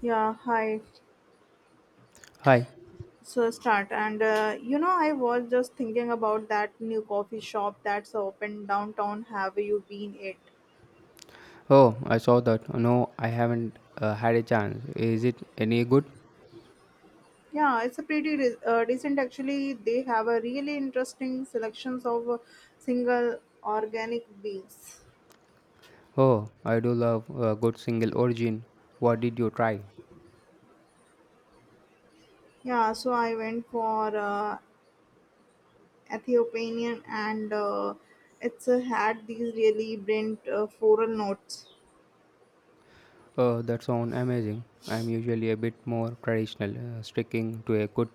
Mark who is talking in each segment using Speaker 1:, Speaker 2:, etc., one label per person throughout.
Speaker 1: Yeah, hi.
Speaker 2: Hi.
Speaker 1: So start and you know I was just thinking about that new coffee shop that's open downtown. Have you been it?
Speaker 2: Oh, I saw that. No, I haven't had a chance. Is it any good?
Speaker 1: Yeah, it's a pretty decent actually. They have a really interesting selections of single organic beans.
Speaker 2: Oh, I do love a good single origin. What did you try?
Speaker 1: Yeah, so I went for Ethiopian and it's had these really brilliant floral notes.
Speaker 2: Oh, that sounds amazing. I'm usually a bit more traditional, sticking to a good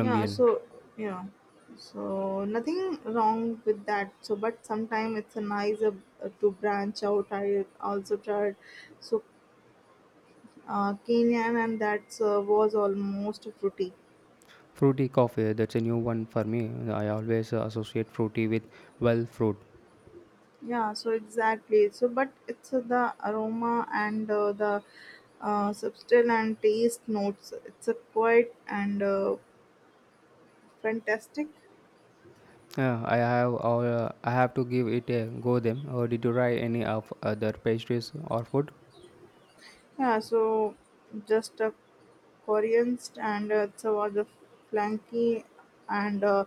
Speaker 1: yeah so yeah, so nothing wrong with that so but sometimes it's a nice to branch out. I also tried so kenyan and that was almost fruity.
Speaker 2: Fruity coffee, that's a new one for me. I always associate fruity with well fruit.
Speaker 1: Yeah, so exactly so but it's the aroma and the substance and taste notes, it's a quite and fantastic.
Speaker 2: Yeah, I have to give it a go then. Or did you try any of other pastries or food?
Speaker 1: Yeah, so just a korean and it's a was a flanky and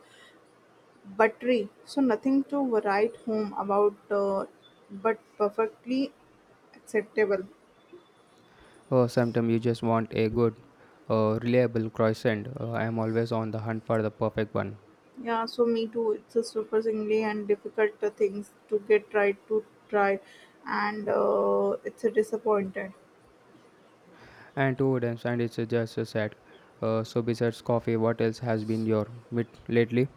Speaker 1: buttery, so nothing to write home about, but perfectly acceptable.
Speaker 2: Sometimes you just want a good, reliable croissant. I am always on the hunt for the perfect one.
Speaker 1: Yeah, so me too. It's a surprisingly and difficult things to get right to try, and it's a disappointed.
Speaker 2: And two wooden and it's just a set. So besides coffee, what else has been your meat lately?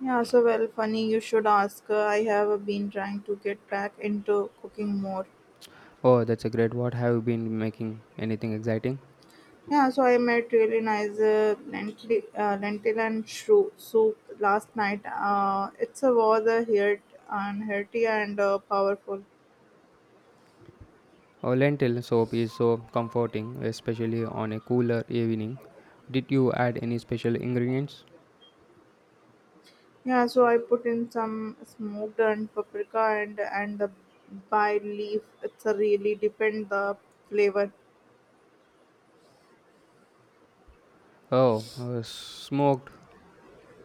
Speaker 1: Yeah, so well, funny you should ask. I have been trying to get back into cooking more.
Speaker 2: Oh, that's a great. What have you been making? Anything exciting?
Speaker 1: Yeah, so I made really nice lentil and shrew soup last night. It's a was a hit and hearty and powerful.
Speaker 2: Oh, lentil soup is so comforting, especially on a cooler evening. Did you add any special ingredients?
Speaker 1: Yeah, so I put in some smoked and paprika and the bay leaf. It's a really depend the flavor.
Speaker 2: Oh, smoked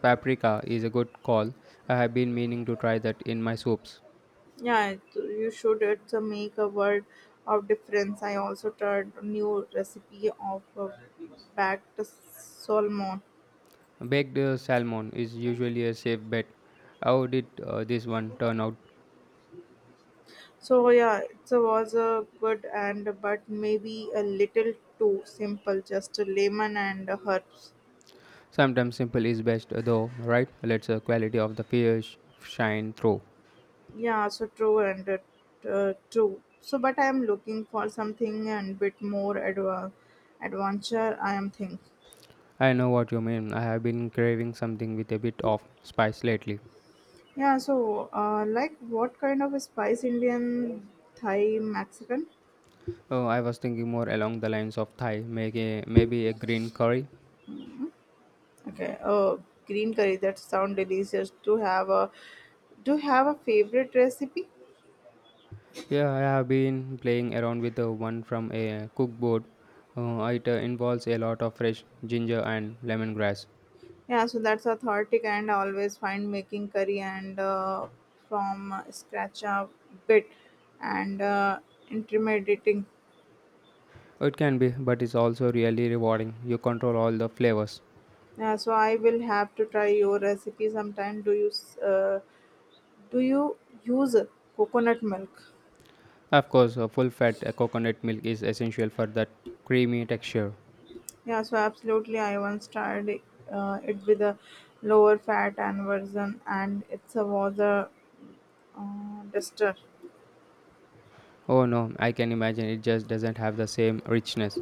Speaker 2: paprika is a good call. I have been meaning to try that in my soups.
Speaker 1: Yeah, it, you should. It's a make a word of difference. I also tried a new recipe of baked salmon.
Speaker 2: Baked salmon is usually a safe bet. How did this one turn out?
Speaker 1: So yeah, it was a good and but maybe a little too simple. Just a lemon and herbs.
Speaker 2: Sometimes simple is best, though, right? Let's the quality of the fish shine through.
Speaker 1: Yeah, so true and it, true. So, but I am looking for something and bit more adventure. I am think.
Speaker 2: I know what you mean. I have been craving something with a bit of spice lately.
Speaker 1: Yeah, so like what kind of spice? Indian, Thai, Mexican.
Speaker 2: Oh, I was thinking more along the lines of Thai, maybe a green curry.
Speaker 1: Okay. Oh, green curry. That sound delicious. To have a, do you have a favorite recipe?
Speaker 2: Yeah, I have been playing around with the one from a cookboard. It involves a lot of fresh ginger and lemongrass.
Speaker 1: Yeah, so that's authentic and I always find making curry and from scratch a bit and intimidating.
Speaker 2: It can be, but it's also really rewarding. You control all the flavors.
Speaker 1: Yeah, so I will have to try your recipe sometime. Do you use coconut milk?
Speaker 2: Of course, a full fat coconut milk is essential for that creamy texture.
Speaker 1: Yeah, so absolutely. I once tried it with a lower fat and version, and it's a was a duster.
Speaker 2: Oh no, I can imagine it just doesn't have the same richness.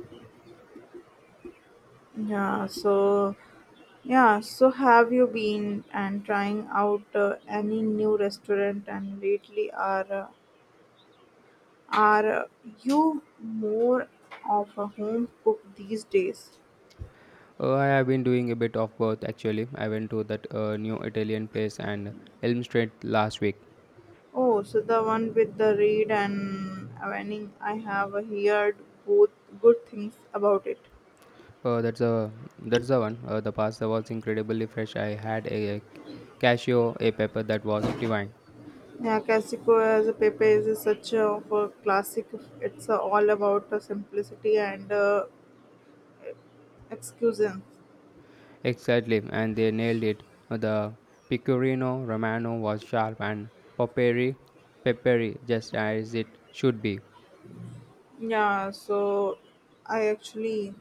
Speaker 1: Yeah, so yeah, so have you been and trying out any new restaurant? And lately, are you more of a home cook these days?
Speaker 2: Oh, I have been doing a bit of both actually. I went to that new Italian place and Elm Street last week.
Speaker 1: Oh, so the one with the reed and awaning. I have heard both good things about it.
Speaker 2: Oh, that's the one. The pasta was incredibly fresh. I had a cashew, a pepper that was divine.
Speaker 1: Yeah, Casico as a paper is such a for classic. It's all about simplicity and excuses.
Speaker 2: Exactly, and they nailed it. The Pecorino Romano was sharp and peppery, peppery, just as it should be.
Speaker 1: Yeah, so I actually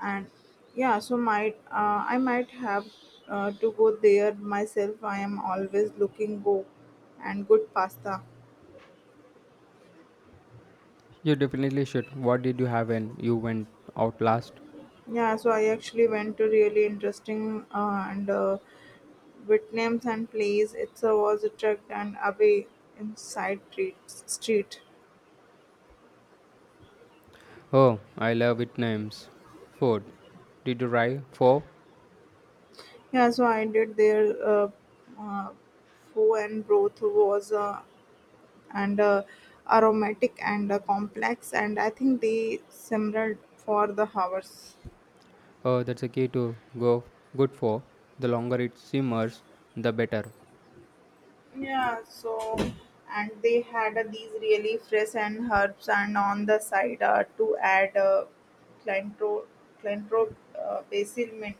Speaker 1: and yeah, so might I might have to go there myself. I am always looking go and good pasta.
Speaker 2: You definitely should. What did you have when you went out last?
Speaker 1: Yeah, so I actually went to really interesting and Whitlam's and Place itself was a attacked and away in side street.
Speaker 2: Oh, I love it names. Food. Did you try four?
Speaker 1: He also aided their uh, foe and broth was and aromatic and complex, and I think they simmered for the hours.
Speaker 2: Oh, that's a key to go good for. The longer it simmers, the better.
Speaker 1: Yeah, so and they had these really fresh and herbs and on the side to add clintro, clintro, basil, mint.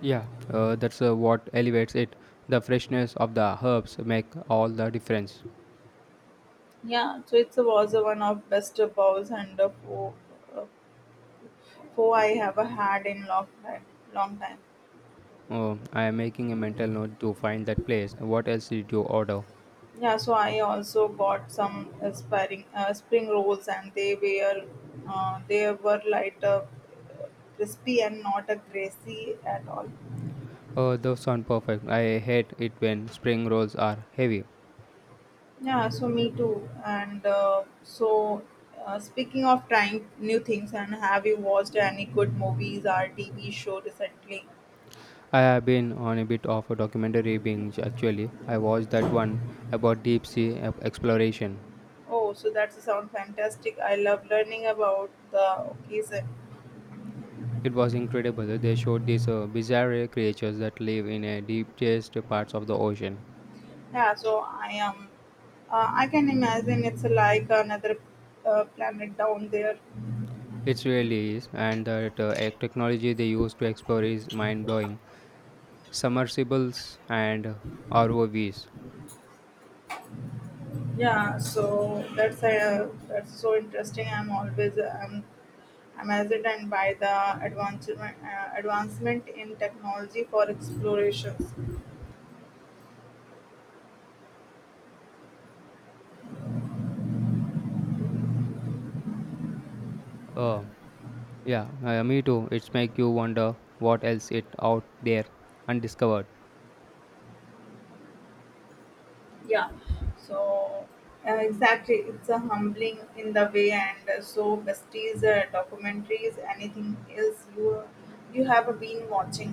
Speaker 2: Yeah, that's what elevates it. The freshness of the herbs make all the difference.
Speaker 1: Yeah, so it was one of best bows and uh, foe I have had in long long time.
Speaker 2: Oh, I am making a mental note to find that place. What else did you order?
Speaker 1: Yeah, so I also got some spring rolls, and they were light, crispy, and not a greasy at all.
Speaker 2: Oh, those sound perfect. I hate it when spring rolls are heavy.
Speaker 1: Yeah, so me too. Speaking of trying new things, and have you watched any good movies or TV show recently?
Speaker 2: I have been on a bit of a documentary binge actually. I watched that one about deep sea exploration.
Speaker 1: Oh, so that sounds fantastic. I love learning about the occasion.
Speaker 2: It was incredible. They showed these bizarre creatures that live in the deepest parts of the ocean.
Speaker 1: Yeah, so I am. I can imagine it's like another planet down there.
Speaker 2: It really is, and the technology they use to explore is mind blowing. Submersibles and ROVs.
Speaker 1: Yeah, so that's so interesting. I'm always amazed and by the advancement in technology for explorations.
Speaker 2: Uh, Yeah, me too. It's make you wonder what else it out there undiscovered.
Speaker 1: Yeah. So exactly, it's a humbling in the way, and so besties, documentaries, anything else you have been watching?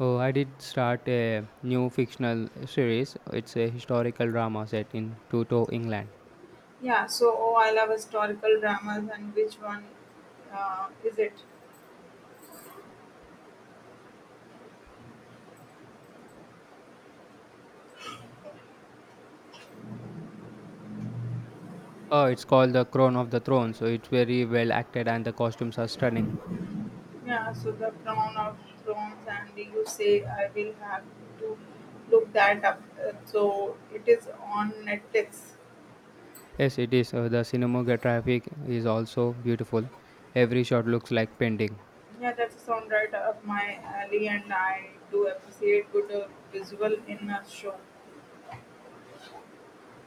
Speaker 2: Oh, I did start a new fictional series. It's a historical drama set in Tuto, England.
Speaker 1: Yeah, so oh, I love historical dramas, and which one is it?
Speaker 2: Oh, it's called The Crown of the Throne. So it's very well acted and the costumes are stunning.
Speaker 1: Yeah, so the Crown of Thrones, and you say I will have to look that up. So it is on Netflix.
Speaker 2: Yes, it is. The cinematography is also beautiful. Every shot looks like painting.
Speaker 1: Yeah, that's sound right up my alley, and I do appreciate good visual in a show.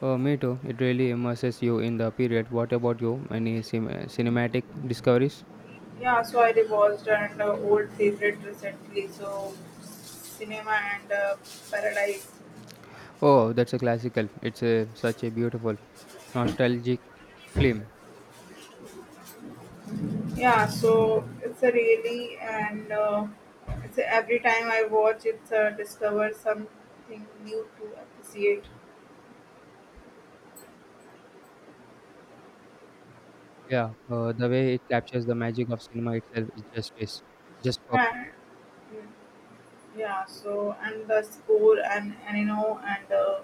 Speaker 2: Oh, me too. It really immerses you in the period. What about you? Any cinematic discoveries?
Speaker 1: Yeah, so I rewatched an old favorite recently, so Cinema and Paradise.
Speaker 2: Oh, that's a classical. It's a such a beautiful, nostalgic film.
Speaker 1: Yeah, so it's a really and it's a, every time I watch it, discover something new to appreciate.
Speaker 2: Yeah, the way it captures the magic of cinema itself is just perfect.
Speaker 1: And yeah, so and the score and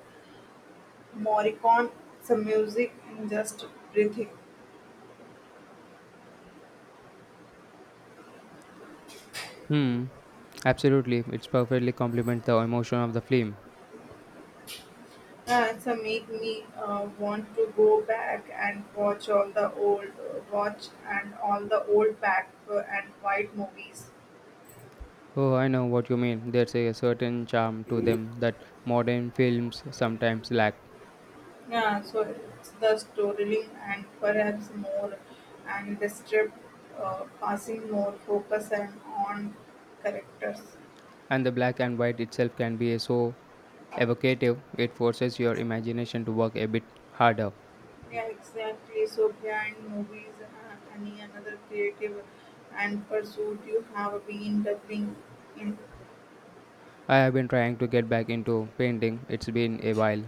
Speaker 1: Morricone, some music and just breathing.
Speaker 2: Hmm. Absolutely, it's perfectly complements the emotion of the film.
Speaker 1: It's a make me want to go back and watch and all the old black and white movies.
Speaker 2: Oh, I know what you mean. There's a certain charm to them that modern films sometimes lack.
Speaker 1: Yeah, so it's the storytelling and perhaps more, and the strip passing more focus and on characters.
Speaker 2: And the black and white itself can be so evocative, it forces your imagination to work a bit harder.
Speaker 1: Yeah, exactly. So behind movies, any another creative and pursuit you have been doubling in.
Speaker 2: I have been trying to get back into painting, it's been a while.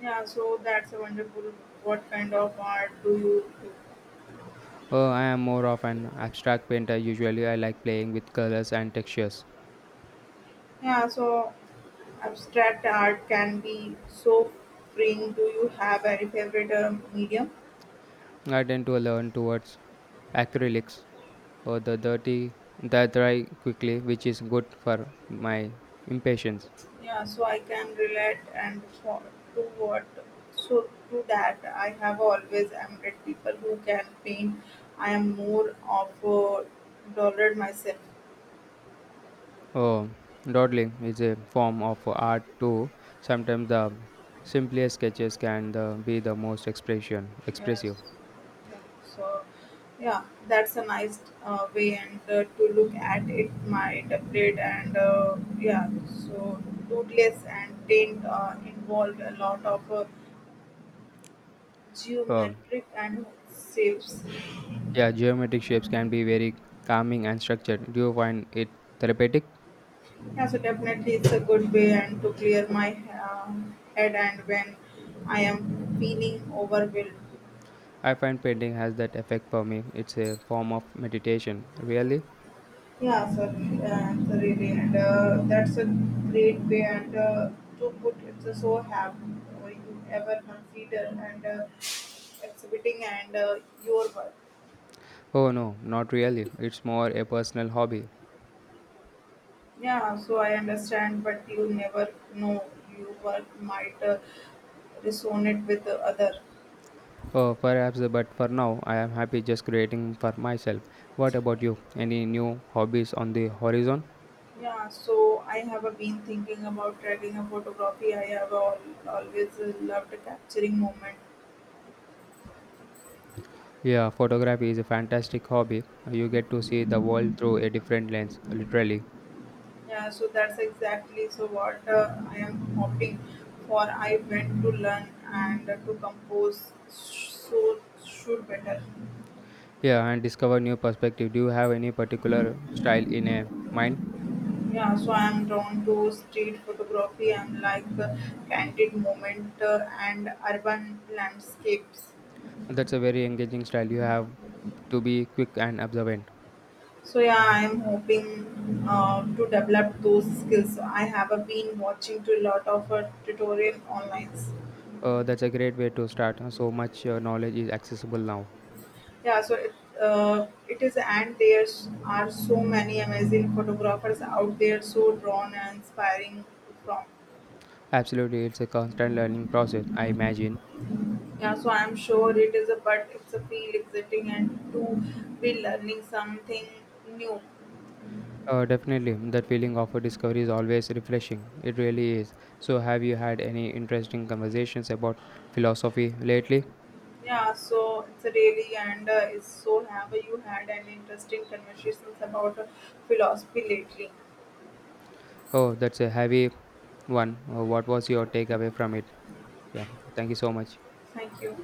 Speaker 1: Yeah, so that's a wonderful. What kind of art do you?
Speaker 2: Oh, I am more of an abstract painter. Usually, I like playing with colors and textures.
Speaker 1: Yeah, so abstract art can be so freeing. Do you have any favorite medium?
Speaker 2: I tend to learn towards acrylics or the dirty that dry quickly, which is good for my impatience.
Speaker 1: Yeah, so I can relate and for, to what so to that I have always admired people who can paint. I am more of a dollar myself.
Speaker 2: Oh, dawdling is a form of art too. Sometimes the simplest sketches can be the most expression
Speaker 1: Yes.
Speaker 2: expressive.
Speaker 1: Yeah. So, yeah, that's a nice way and to look at it. My upgrade and yeah, so rootless and paint involved a lot of
Speaker 2: Oh,
Speaker 1: geometric and shapes.
Speaker 2: yeah, geometric shapes can be very calming and structured. Do you find it therapeutic?
Speaker 1: Yeah, so definitely it's a good way and to clear my head and when I am feeling overwhelmed.
Speaker 2: I find painting has that effect for me. It's a form of meditation. Really?
Speaker 1: Yeah, certainly, absolutely, and that's a great way and to put it. So, have you ever consider and exhibiting and your work?
Speaker 2: Oh no, not really. It's more a personal hobby.
Speaker 1: Yeah, so I understand, but you never know your work might resonate with the other.
Speaker 2: Oh, perhaps, but for now, I am happy just creating for myself. What about you? Any new hobbies on the horizon?
Speaker 1: Yeah, so I have been thinking about tracking a photography. Always loved capturing moment.
Speaker 2: Yeah, photography is a fantastic hobby. You get to see the world through a different lens, literally.
Speaker 1: Yeah, so that's exactly so what I am hoping for. I went to learn and to compose, so should better.
Speaker 2: Yeah, and discover new perspective. Do you have any particular style in a mind?
Speaker 1: Yeah, so I am drawn to street photography and like candid moment and urban landscapes.
Speaker 2: That's a very engaging style. You have to be quick and observant.
Speaker 1: So yeah, I am hoping to develop those skills. I have been watching to a lot of tutorial online.
Speaker 2: That's a great way to start. So much knowledge is accessible now.
Speaker 1: Yeah, so it, it is, and are so many amazing photographers out there, so drawn and inspiring from.
Speaker 2: Absolutely, it's a constant learning process, I imagine.
Speaker 1: Yeah, so I'm sure it is a, but it's a feel exciting and to be learning something new.
Speaker 2: Definitely, that feeling of a discovery is always refreshing. It really is. So, have you had any interesting conversations about philosophy lately?
Speaker 1: Yeah, so it's a really and it's so have you had an interesting conversations about philosophy lately.
Speaker 2: Oh, that's a heavy one. What was your takeaway from it? Yeah, thank you so much.
Speaker 1: Thank you.